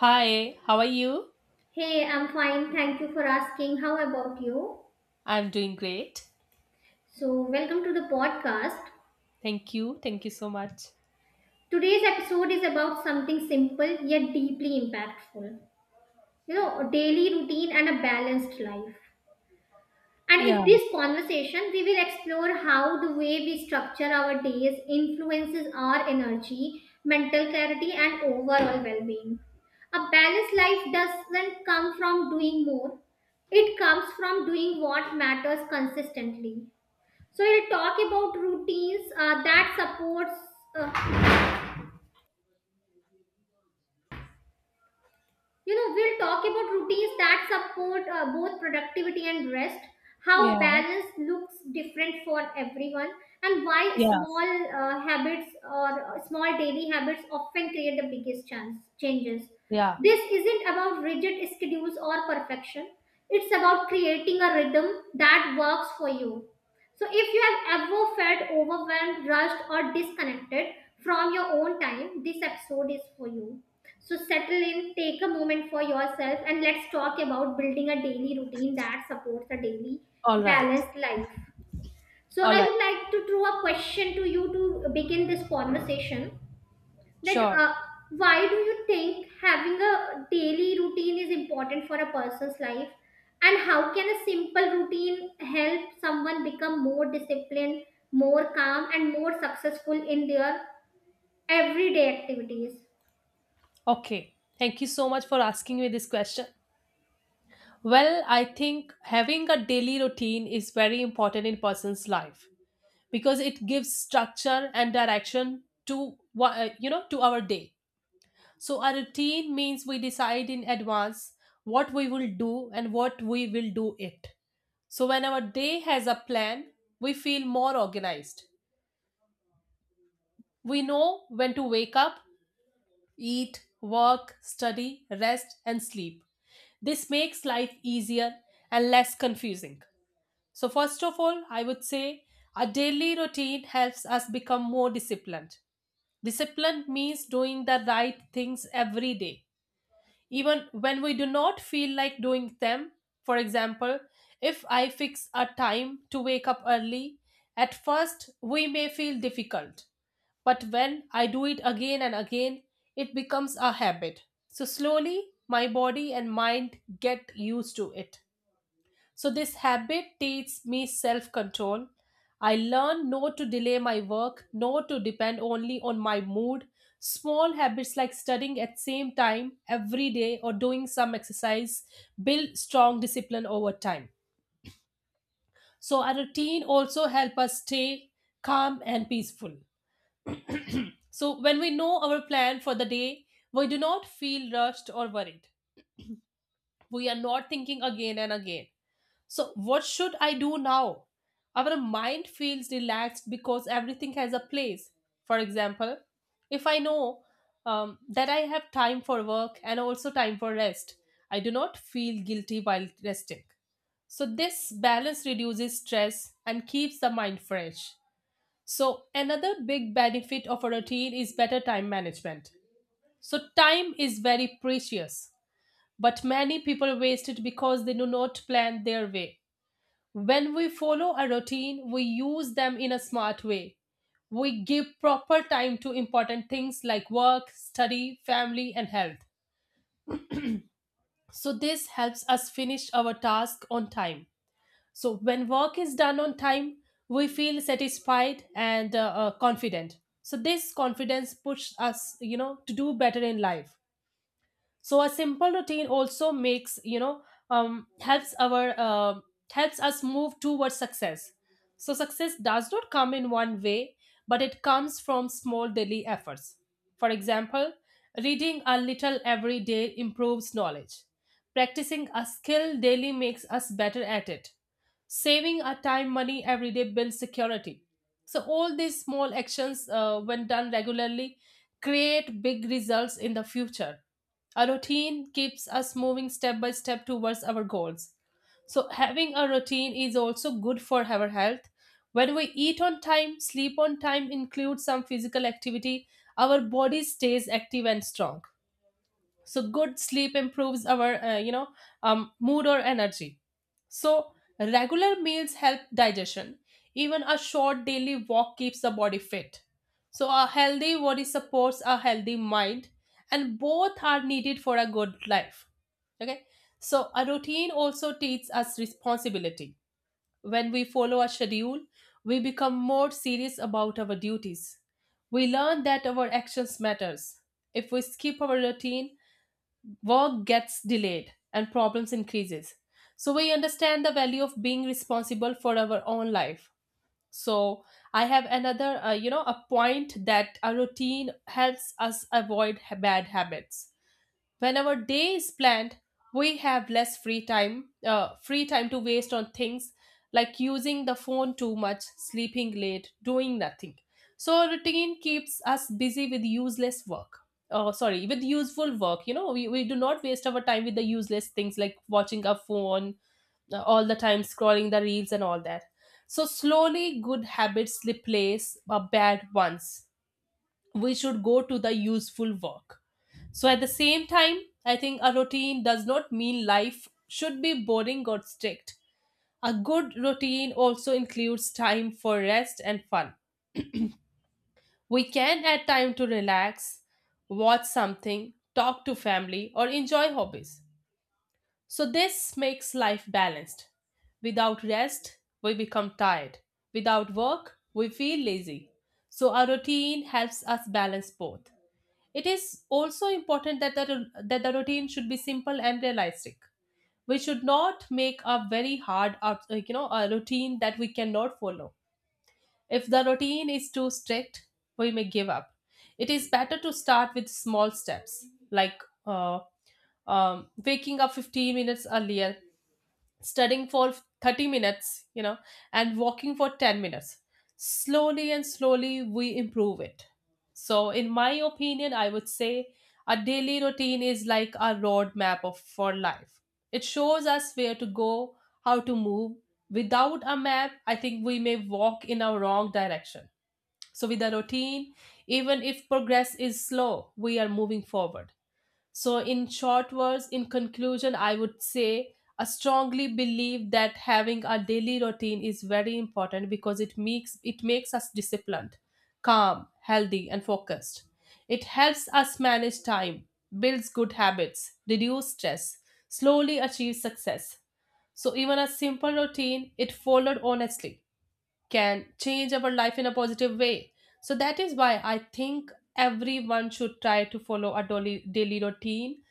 Hi, how are you? Hey, I'm fine. Thank you for asking. How about you? I'm doing great. So, welcome to the podcast. Thank you. Thank you so much. Today's episode is about something simple yet deeply impactful. You know, a daily routine and a balanced life. And Yeah, in this conversation, we will explore how the way we structure our days influences our energy, mental clarity, and overall well being. A balanced life doesn't come from doing more, it comes from doing what matters consistently. So we'll talk about routines that supports uh, we'll talk about routines that support both productivity and rest, yeah, how balance looks different for everyone, and why yeah, small habits or small daily habits often create the biggest chance changes. yeah. This isn't about rigid schedules or perfection. It's about creating a rhythm that works for you. So, if you have ever felt overwhelmed, rushed, or disconnected from your own time, this episode is for you. So settle in, take a moment for yourself, and let's talk about building a daily routine that supports a daily All right, balanced life. So all I right, would like to throw a question to you to begin this conversation. That sure. Why do you think having a daily routine is important for a person's life, and how can a simple routine help someone become more disciplined, more calm, and more successful in their everyday activities? Okay. Thank you so much for asking me this question. Well, I think having a daily routine is very important in person's life because it gives structure and direction to what you know to our day. So a routine means we decide in advance what we will do and what we will do it. So, when our day has a plan, we feel more organized. We know when to wake up, eat, work, study, rest, and sleep. This makes life easier and less confusing. So, first of all, I would say a daily routine helps us become more disciplined. Discipline means doing the right things every day, even when we do not feel like doing them. For example, if I fix a time to wake up early, at first we may feel difficult, but when I do it again and again, it becomes a habit. So slowly, my body and mind get used to it. So this habit teaches me self-control. I learn not to delay my work, not to depend only on my mood. Small habits like studying at same time every day or doing some exercise build strong discipline over time. So our routine also help us stay calm and peaceful. So when we know our plan for the day, we do not feel rushed or worried. We are not thinking again and again. So, what should I do now? Our mind feels relaxed because everything has a place. For example, if I know that I have time for work and also time for rest, I do not feel guilty while resting. So, this balance reduces stress and keeps the mind fresh. So, another big benefit of a routine is better time management. So, time is very precious, but many people waste it because they do not plan their way. When we follow a routine, we use them in a smart way. We give proper time to important things like work, study, family, and health. So, this helps us finish our task on time. So, when work is done on time, we feel satisfied and confident. So, this confidence pushes us to do better in life. So a simple routine also makes you know helps our helps us move towards success. So success does not come in one way, but it comes from small daily efforts. For example, reading a little every day improves knowledge, practicing a skill daily makes us better at it, saving our time money every day builds security. So all these small actions when done regularly create big results in the future. A routine keeps us moving step by step towards our goals. So having a routine is also good for our health. When we eat on time, sleep on time, include some physical activity, our body stays active and strong. So good sleep improves our mood or energy. So, regular meals help digestion. Even a short daily walk keeps the body fit. So, a healthy body supports a healthy mind, and both are needed for a good life. Okay, so a routine also teaches us responsibility. When we follow a schedule, we become more serious about our duties. We learn that our actions matters. If we skip our routine, work gets delayed and problems increases. So we understand the value of being responsible for our own life. So I have another a point that a routine helps us avoid bad habits. When our day is planned, we have less free time, free time to waste on things like using the phone too much, sleeping late, doing nothing. So routine keeps us busy with useless work. Oh, sorry, with useful work. We do not waste our time with the useless things like watching our phone all the time, scrolling the reels and all that. So slowly good habits replace bad ones. We should go to the useful work. So at the same time, I think a routine does not mean life should be boring or strict. A good routine also includes time for rest and fun. We can add time to relax, watch something, talk to family, or enjoy hobbies. So this makes life balanced. Without rest, we become tired. Without work, we feel lazy. So our routine helps us balance both. It is also important that the routine should be simple and realistic. We should not make a very hard, a routine that we cannot follow. If the routine is too strict, we may give up. It is better to start with small steps, like uh, waking up 15 minutes earlier, studying for 30 minutes, and walking for 10 minutes. Slowly and slowly, we improve it. So, in my opinion, I would say a daily routine is like a roadmap for life. It shows us where to go, how to move. Without a map, I think we may walk in a wrong direction. So, with a routine, even if progress is slow, we are moving forward. So, in short words, in conclusion, I would say I strongly believe that having a daily routine is very important because it makes us disciplined, calm, healthy, and focused. It helps us manage time, builds good habits, reduce stress, slowly achieve success. So even a simple routine, it followed honestly, can change our life in a positive way. So that is why I think everyone should try to follow a daily routine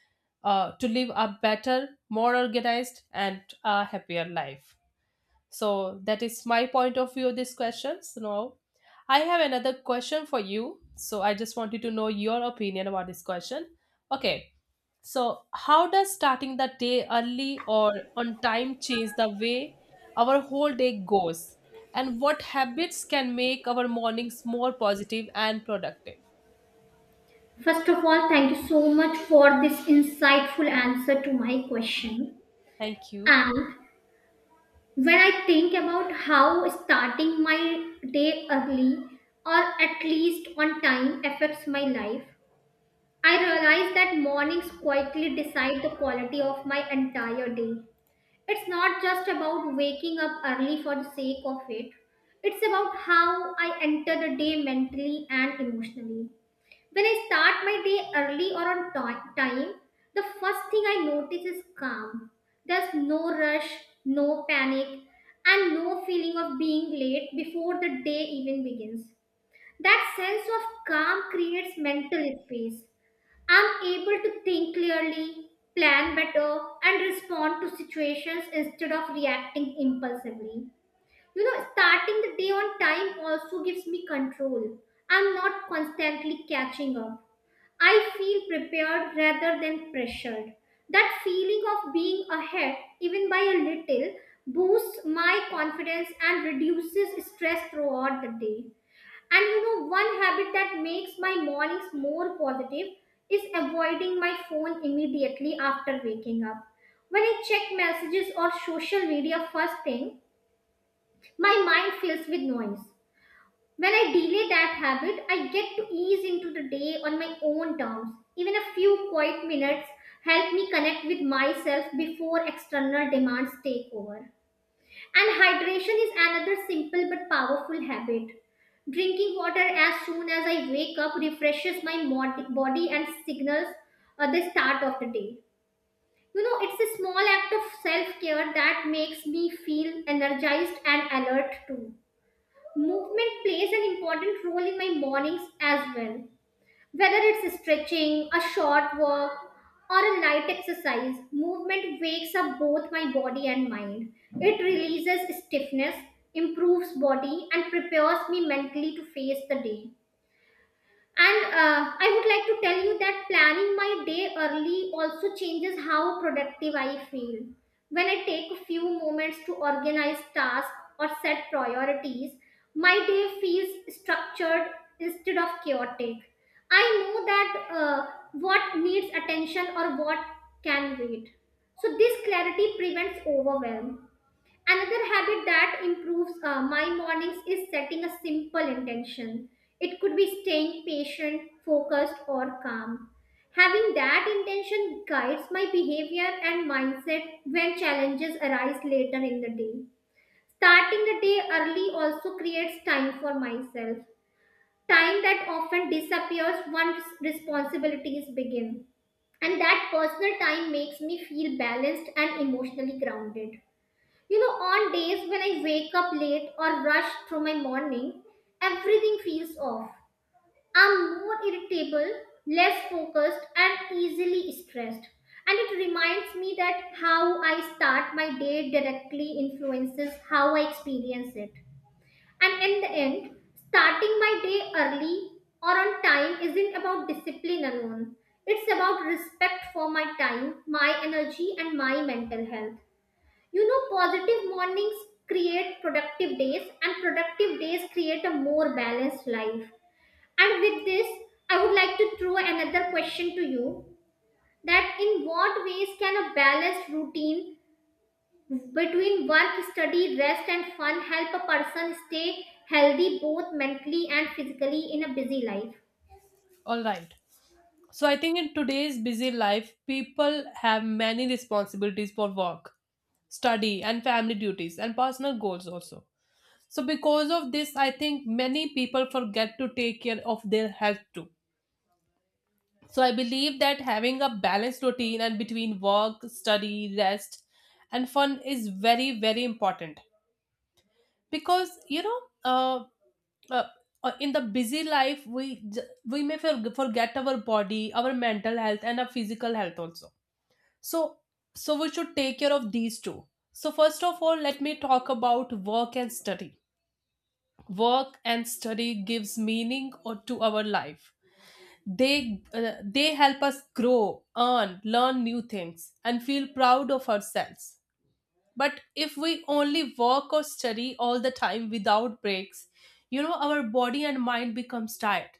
to live a better, more organized, and a happier life. So that is my point of view of these questions. Now, I have another question for you. So I just wanted to know your opinion about this question. Okay. So how does starting the day early or on time change the way our whole day goes? And what habits can make our mornings more positive and productive? First of all, thank you so much for this insightful answer to my question. Thank you. And when I think about how starting my day early or at least on time affects my life, I realize that mornings quietly decide the quality of my entire day. It's not just about waking up early for the sake of it, it's about how I enter the day mentally and emotionally. When I start my day early or on time, the first thing I notice is calm. There's no rush, no panic, and no feeling of being late before the day even begins. That sense of calm creates mental space. I'm able to think clearly, plan better, and respond to situations instead of reacting impulsively. You know, starting the day on time also gives me control. I'm not constantly catching up. I feel prepared rather than pressured. That feeling of being ahead, even by a little, boosts my confidence and reduces stress throughout the day. And you know, one habit that makes my mornings more positive is avoiding my phone immediately after waking up. When I check messages or social media first thing, my mind fills with noise. When I delay that habit, I get to ease into the day on my own terms. Even a few quiet minutes help me connect with myself before external demands take over. And hydration is another simple but powerful habit. Drinking water as soon as I wake up refreshes my body and signals the start of the day. You know, it's a small act of self care that makes me feel energized and alert too. Movement plays an important role in my mornings as well. Whether it's stretching, a short walk, or a light exercise, movement wakes up both my body and mind. It releases stiffness, improves body, and prepares me mentally to face the day. And I would like to tell you that planning my day early also changes how productive I feel. When I take a few moments to organize tasks or set priorities, my day feels structured instead of chaotic. I know that what needs attention or what can wait. So, this clarity prevents overwhelm. Another habit that improves my mornings is setting a simple intention. It could be staying patient, focused, or calm. Having that intention guides my behavior and mindset when challenges arise later in the day. Starting the day early also creates time for myself, time that often disappears once responsibilities begin. And that personal time makes me feel balanced and emotionally grounded. You know, on days when I wake up late or rush through my morning, everything feels off. I'm more irritable, less focused, and easily stressed. And it reminds me that how I start my day directly influences how I experience it. And in the end, starting my day early or on time isn't about discipline alone. It's about respect for my time, my energy, and my mental health. You know, positive mornings create productive days, and productive days create a more balanced life. And with this, I would like to throw another question to you, that in what ways can a balanced routine between work, study, rest, and fun help a person stay healthy both mentally and physically in a busy life? All right. So I think in today's busy life, people have many responsibilities for work, study, and family duties and personal goals also. So because of this, I think many people forget to take care of their health too. So I believe that having a balanced routine and between work, study, rest, and fun is very very important because uh, in the busy life we may forget our body, our mental health, and our physical health also. So, so we should take care of these two. So first of all, let me talk about work and study. Work and study gives meaning or to our life. They help us grow, earn, learn new things, and feel proud of ourselves. But if we only work or study all the time without breaks, you know our body and mind becomes tired.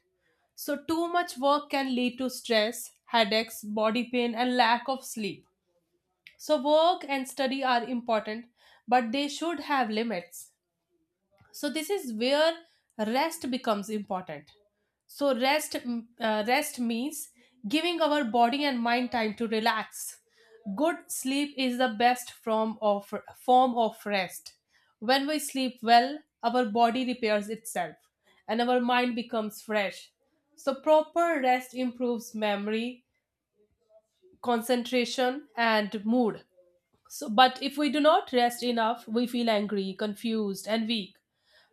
So too much work can lead to stress, headaches, body pain, and lack of sleep. So, work and study are important, but they should have limits. So, this is where rest becomes important. So, rest means giving our body and mind time to relax. Good sleep is the best form of rest. When we sleep well, our body repairs itself and our mind becomes fresh. So, proper rest improves memory, concentration, and mood. So, but if we do not rest enough, we feel angry, confused, and weak.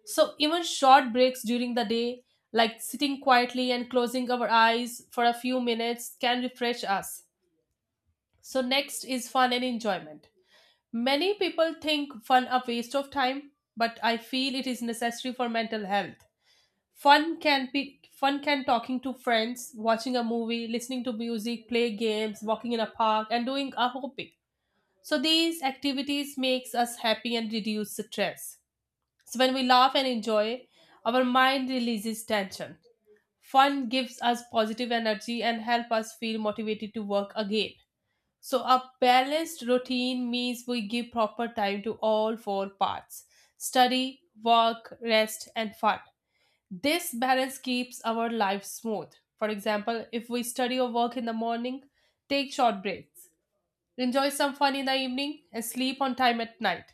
So, even short breaks during the day, like sitting quietly and closing our eyes for a few minutes, can refresh us. So, next is fun and enjoyment. Many people think fun a waste of time, but I feel it is necessary for mental health. Fun can talking to friends, watching a movie, listening to music, play games, walking in a park, and doing a hobby. So these activities makes us happy and reduce stress. So when we laugh and enjoy, our mind releases tension. Fun gives us positive energy and help us feel motivated to work again. So a balanced routine means we give proper time to all four parts: study, work, rest and fun. This balance keeps our life smooth. For example, if we study or work in the morning, take short breaks, enjoy some fun in the evening, and sleep on time at night.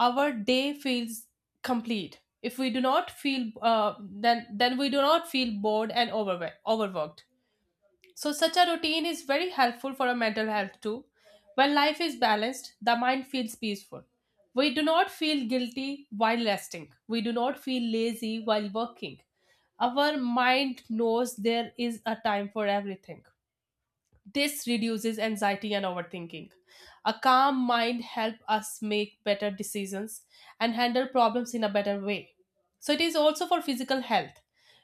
Our day feels complete. If we do not feel, then we do not feel bored and overworked. So such a routine is very helpful for our mental health too. When life is balanced, the mind feels peaceful. We do not feel guilty while resting. We do not feel lazy while working. Our mind knows there is a time for everything. This reduces anxiety and overthinking. A calm mind helps us make better decisions and handle problems in a better way. So it is also for physical health.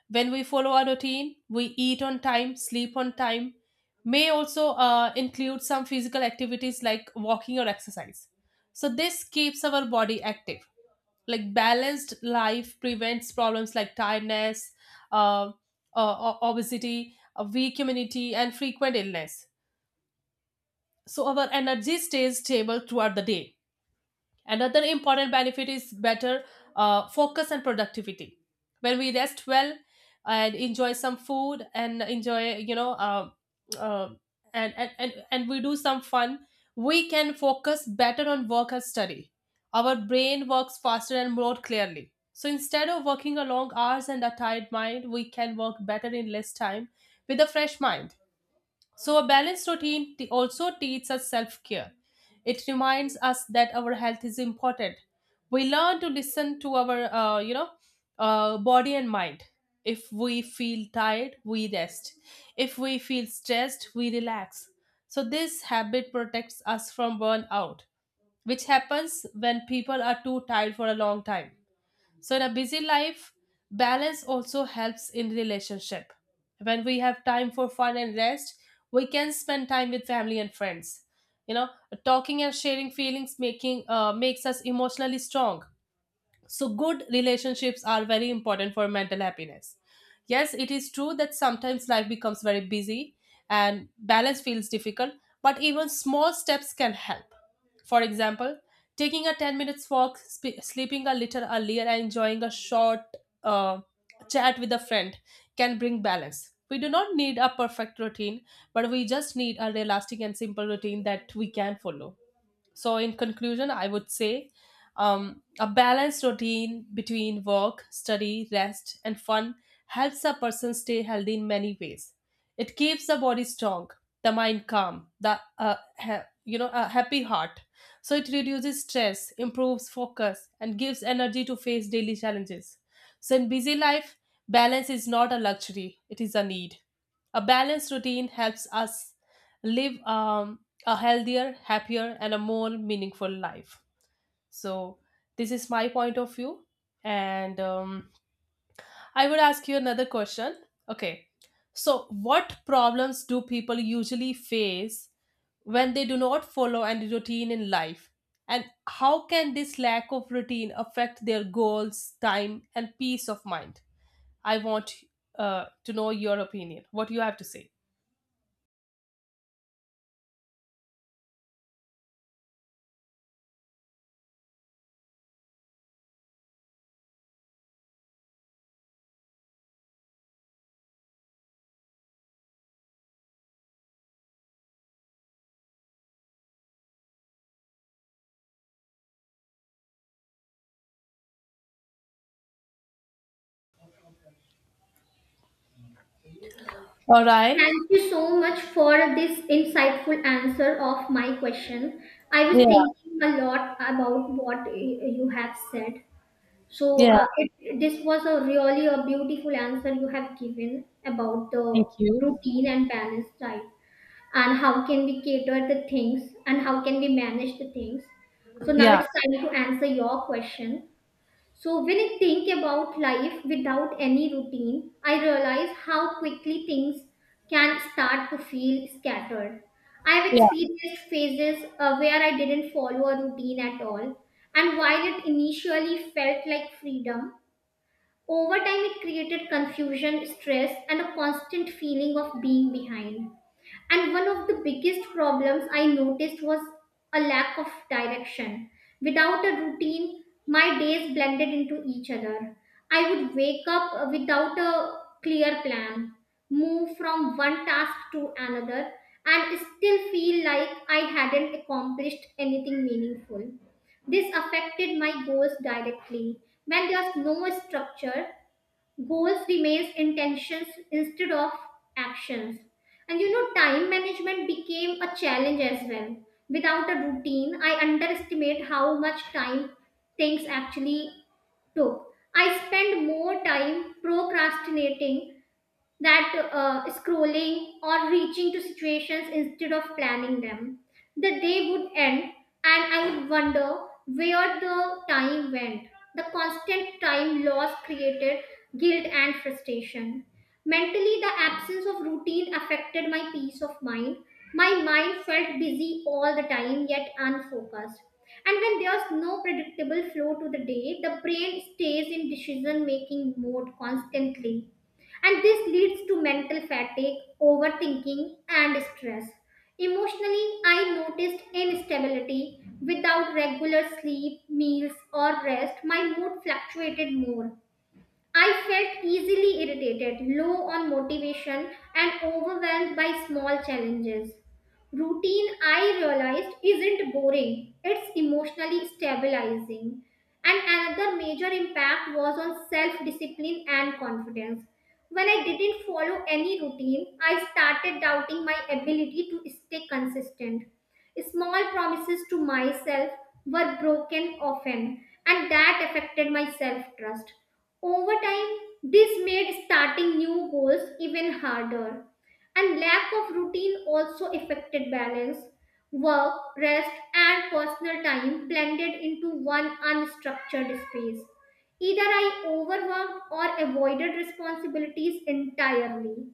When we follow a routine, we eat on time, sleep on time, may also include some physical activities like walking or exercise. So this keeps our body active like balanced life prevents problems like tiredness, uh, obesity, a weak immunity, and frequent illness. So our energy stays stable throughout the day. Another important benefit is better focus and productivity. When we rest well and enjoy some food and enjoy, you know, uh, and we do some fun, we can focus better on work and study. Our brain works faster and more clearly. So instead of working a long hours and a tired mind, we can work better in less time with a fresh mind. So, a balanced routine also teaches us self care. It reminds us that our health is important. We learn to listen to our body and mind. If we feel tired, we rest. If we feel stressed, we relax. So, this habit protects us from burnout, which happens when people are too tired for a long time. So in a busy life, balance also helps in relationship. When we have time for fun and rest, we can spend time with family and friends. You know, talking and sharing feelings making makes us emotionally strong. So, good relationships are very important for mental happiness. Yes, it is true that sometimes life becomes very busy and balance feels difficult, but even small steps can help. For example, taking a 10 minutes walk, sleeping a little earlier, and enjoying a short uh, chat with a friend can bring balance. We do not need a perfect routine, but we just need a realistic and simple routine that we can follow. So, in conclusion, I would say a balanced routine between work, study, rest, and fun helps a person stay healthy in many ways. It keeps the body strong, the mind calm, the you know, a happy heart. So it reduces stress, improves focus, and gives energy to face daily challenges. So in busy life, balance is not a luxury; it is a need. A balanced routine helps us live a healthier, happier, and a more meaningful life. So, this is my point of view. And I would ask you another question. Okay. So, what problems do people usually face when they do not follow any routine in life? And how can this lack of routine affect their goals, time, and peace of mind? I want to know your opinion, what you have to say. All right. Thank you so much for this insightful answer of my question. I was Yeah. thinking a lot about what you have said. Yeah. This was a really a beautiful answer you have given about the Thank you. routine and balance diet and how can we cater the things and how can we manage the things. So now Yeah. it's time to answer your question. So when I think about life without any routine, I realize how quickly things can start to feel scattered. I've experienced phases where I didn't follow a routine at all, and while it initially felt like freedom, over time it created confusion, stress, and a constant feeling of being behind. And one of the biggest problems I noticed was a lack of direction. Without a routine, my days blended into each other. I would wake up without a clear plan, move from one task to another, and still feel like I hadn't accomplished anything meaningful. This affected my goals directly. When there's no structure, goals replace intentions instead of actions. And you know, time management became a challenge as well. Without a routine, I underestimate how much time things actually took. I spend more time procrastinating, that scrolling or reaching to situations instead of planning them. The day would end, and I would wonder where the time went. The constant time loss created guilt and frustration. Mentally, the absence of routine affected my peace of mind. My mind felt busy all the time, yet unfocused. And when there's no predictable flow to the day, the brain stays in decision making mode constantly, and this leads to mental fatigue, overthinking, and stress. Emotionally, I noticed instability. Without regular sleep, meals, or rest, my mood fluctuated more. I felt easily irritated, low on motivation, and overwhelmed by small challenges. Routine, I realized, isn't boring, it's emotionally stabilizing. And another major impact was on self discipline and confidence. When I didn't follow any routine, I started doubting my ability to stay consistent. Small promises to myself were broken often, and that affected my self trust. Over time, this made starting new goals even harder, and lack of routine also affected balance. Work, rest, and personal time blended into one unstructured space. Either I overworked or avoided responsibilities entirely.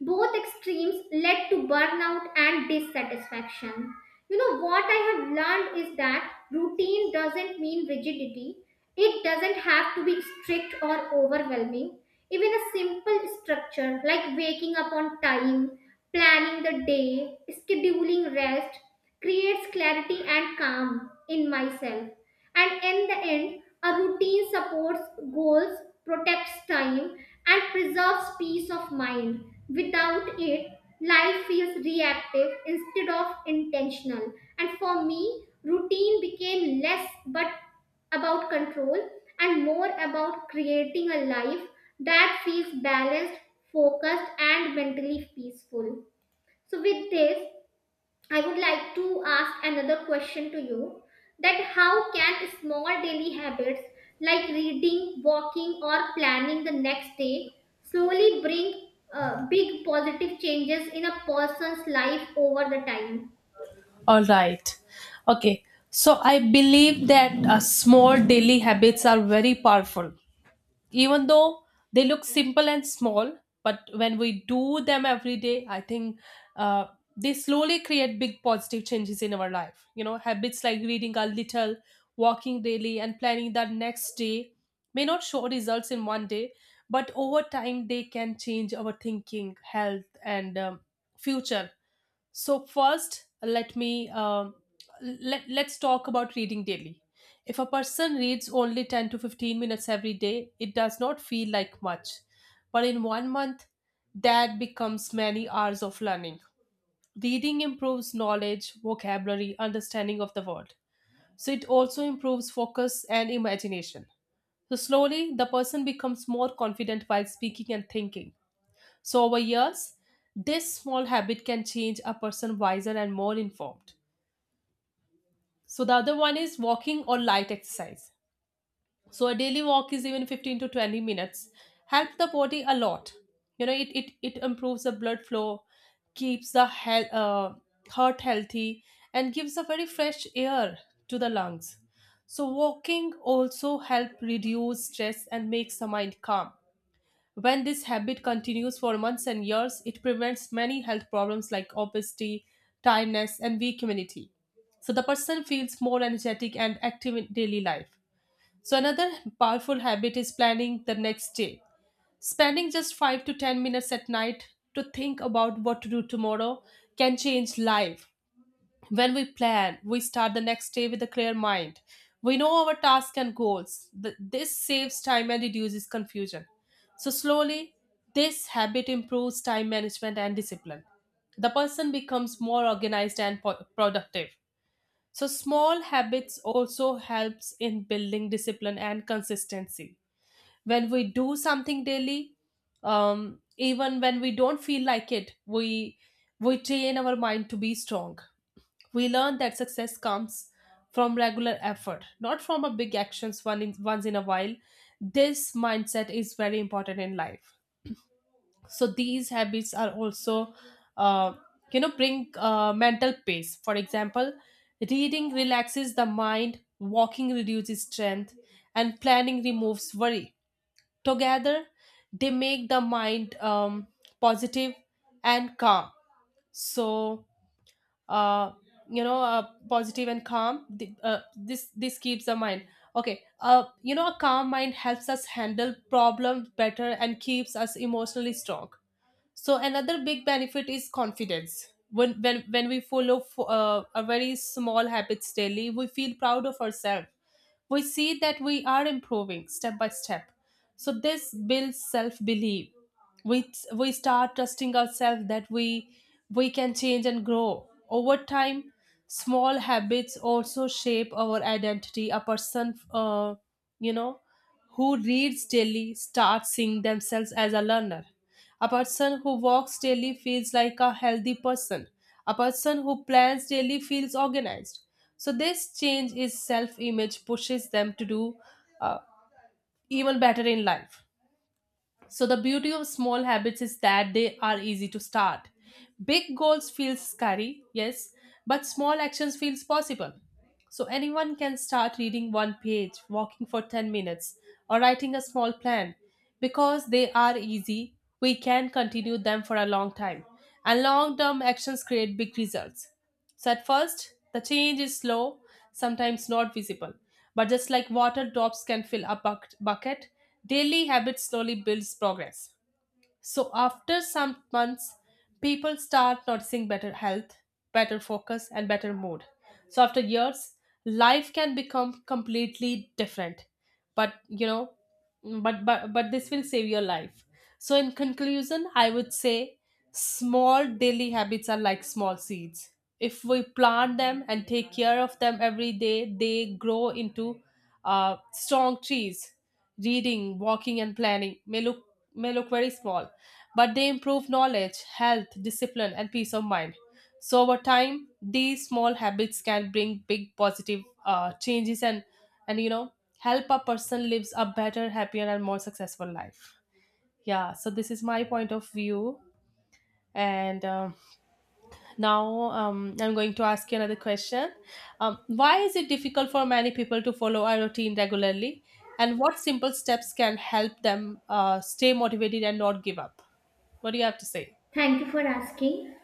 Both extremes led to burnout and dissatisfaction. You know, what I have learned is that routine doesn't mean rigidity. It doesn't have to be strict or overwhelming. Even a simple structure like waking up on time, planning the day, scheduling rest creates clarity and calm in myself. And in the end, a routine supports goals, protects time, and preserves peace of mind. Without it, life feels reactive instead of intentional. And for me, routine became less but about control and more about creating a life that feels balanced, focused, and mentally peaceful. So, with this, I would like to ask another question to you, that how can small daily habits like reading, walking, or planning the next day slowly bring big positive changes in a person's life over the time? All right. Okay. So I believe that small daily habits are very powerful. Even though they look simple and small, but when we do them every day, I think uh, they slowly create big positive changes in our life. You know, habits like reading a little, walking daily, and planning the next day may not show results in one day, but over time they can change our thinking, health, and future. So first, let me let let's talk about reading daily. If a person reads only 10 to 15 minutes every day, it does not feel like much. But in one month, that becomes many hours of learning. Reading improves knowledge, vocabulary, understanding of the world. So it also improves focus and imagination. So slowly, the person becomes more confident while speaking and thinking. So, over years, this small habit can change a person wiser and more informed. So, the other one is walking or light exercise. So, a daily walk is even 15 to 20 minutes, help the body a lot. You know, it improves the blood flow, keeps the heart healthy, and gives a very fresh air to the lungs. So, walking also help reduce stress and makes the mind calm. When this habit continues for months and years, it prevents many health problems like obesity, tiredness, and weak immunity. So the person feels more energetic and active in daily life. So another powerful habit is planning the next day. Spending just 5 to 10 minutes at night to think about what to do tomorrow can change life when we plan, we start the next day with a clear mind. We know our tasks and goals. This saves time and reduces confusion. So, slowly, this habit improves time management and discipline. The person becomes more organized and productive. So, small habits also helps in building discipline and consistency. When we do something daily, even when we don't feel like it, we train our mind to be strong. We learn that success comes from regular effort, not from a big actions once in a while. This mindset is very important in life. So these habits are also, uh, you know, bring mental peace. For example, reading relaxes the mind, walking reduces strength, and planning removes worry. Together, they make the mind positive and calm. So uh, positive and calm, this keeps the mind okay. You know, a calm mind helps us handle problems better and keeps us emotionally strong. So another big benefit is confidence. When we follow a very small habits daily, we feel proud of ourselves. We see that we are improving step by step. So this builds self belief. We start trusting ourselves that we can change and grow over time. Small habits also shape our identity. A person, you know, who reads daily, starts seeing themselves as a learner. A person who walks daily feels like a healthy person. A person who plans daily feels organized. So this change is self image pushes them to do, uh, even better in life. So the beauty of small habits is that they are easy to start. Big goals feels scary, yes, but small actions feels possible. So anyone can start reading one page, walking for 10 minutes, or writing a small plan. Because they are easy, we can continue them for a long time. And long-term actions create big results. So at first, the change is slow, sometimes not visible. But just like water drops can fill a bucket, daily habit slowly builds progress. So after some months, people start noticing better health, better focus, and better mood. So after years, life can become completely different. But you know, but this will save your life. So in conclusion, I would say small daily habits are like small seeds. If we plant them and take care of them every day, they grow into strong trees. Reading, walking, and planning may look very small, but they improve knowledge, health, discipline, and peace of mind. So, over time, these small habits can bring big positive changes and you know, help a person lives a better, happier, and more successful life. Yeah, so this is my point of view. And now I'm going to ask you another question. Why is it difficult for many people to follow a routine regularly? And what simple steps can help them stay motivated and not give up? What do you have to say? Thank you for asking.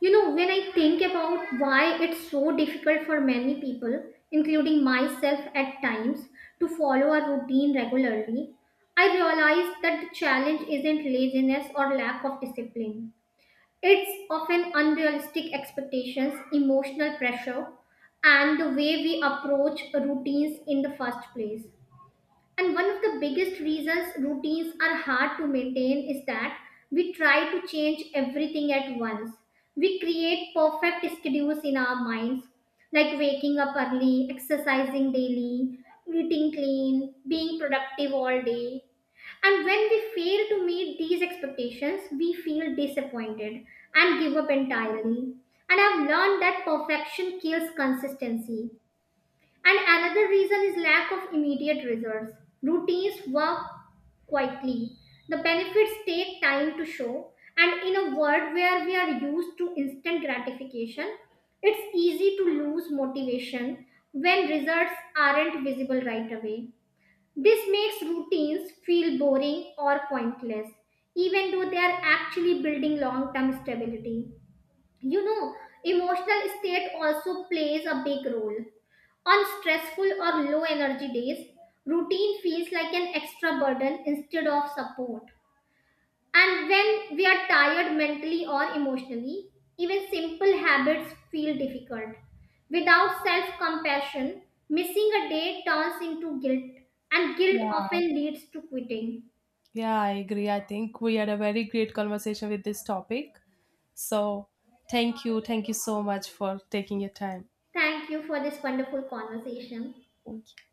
You know, when I think about why it's so difficult for many people, including myself at times, to follow a routine regularly, I realize that the challenge isn't laziness or lack of discipline. It's often unrealistic expectations, emotional pressure, and the way we approach routines in the first place. And one of the biggest reasons routines are hard to maintain is that we try to change everything at once. We create perfect schedules in our minds, like waking up early, exercising daily, eating clean, being productive all day. And when we fail to meet these expectations, we feel disappointed and give up entirely. And I've learned that perfection kills consistency. And another reason is lack of immediate results. Routines work quietly. The benefits take time to show. And in a world where we are used to instant gratification, it's easy to lose motivation when results aren't visible right away. This makes routines feel boring or pointless, even though they are actually building long term stability. You know, emotional state also plays a big role. On stressful or low energy days, routine feels like an extra burden instead of support. And when we are tired mentally or emotionally, even simple habits feel difficult. Without self compassion, missing a day turns into guilt, and guilt Yeah, often leads to quitting. yeah, I agree. I think we had a very great conversation with this topic. So, thank you. Thank you so much for taking your time. Thank you for this wonderful conversation. Thank you.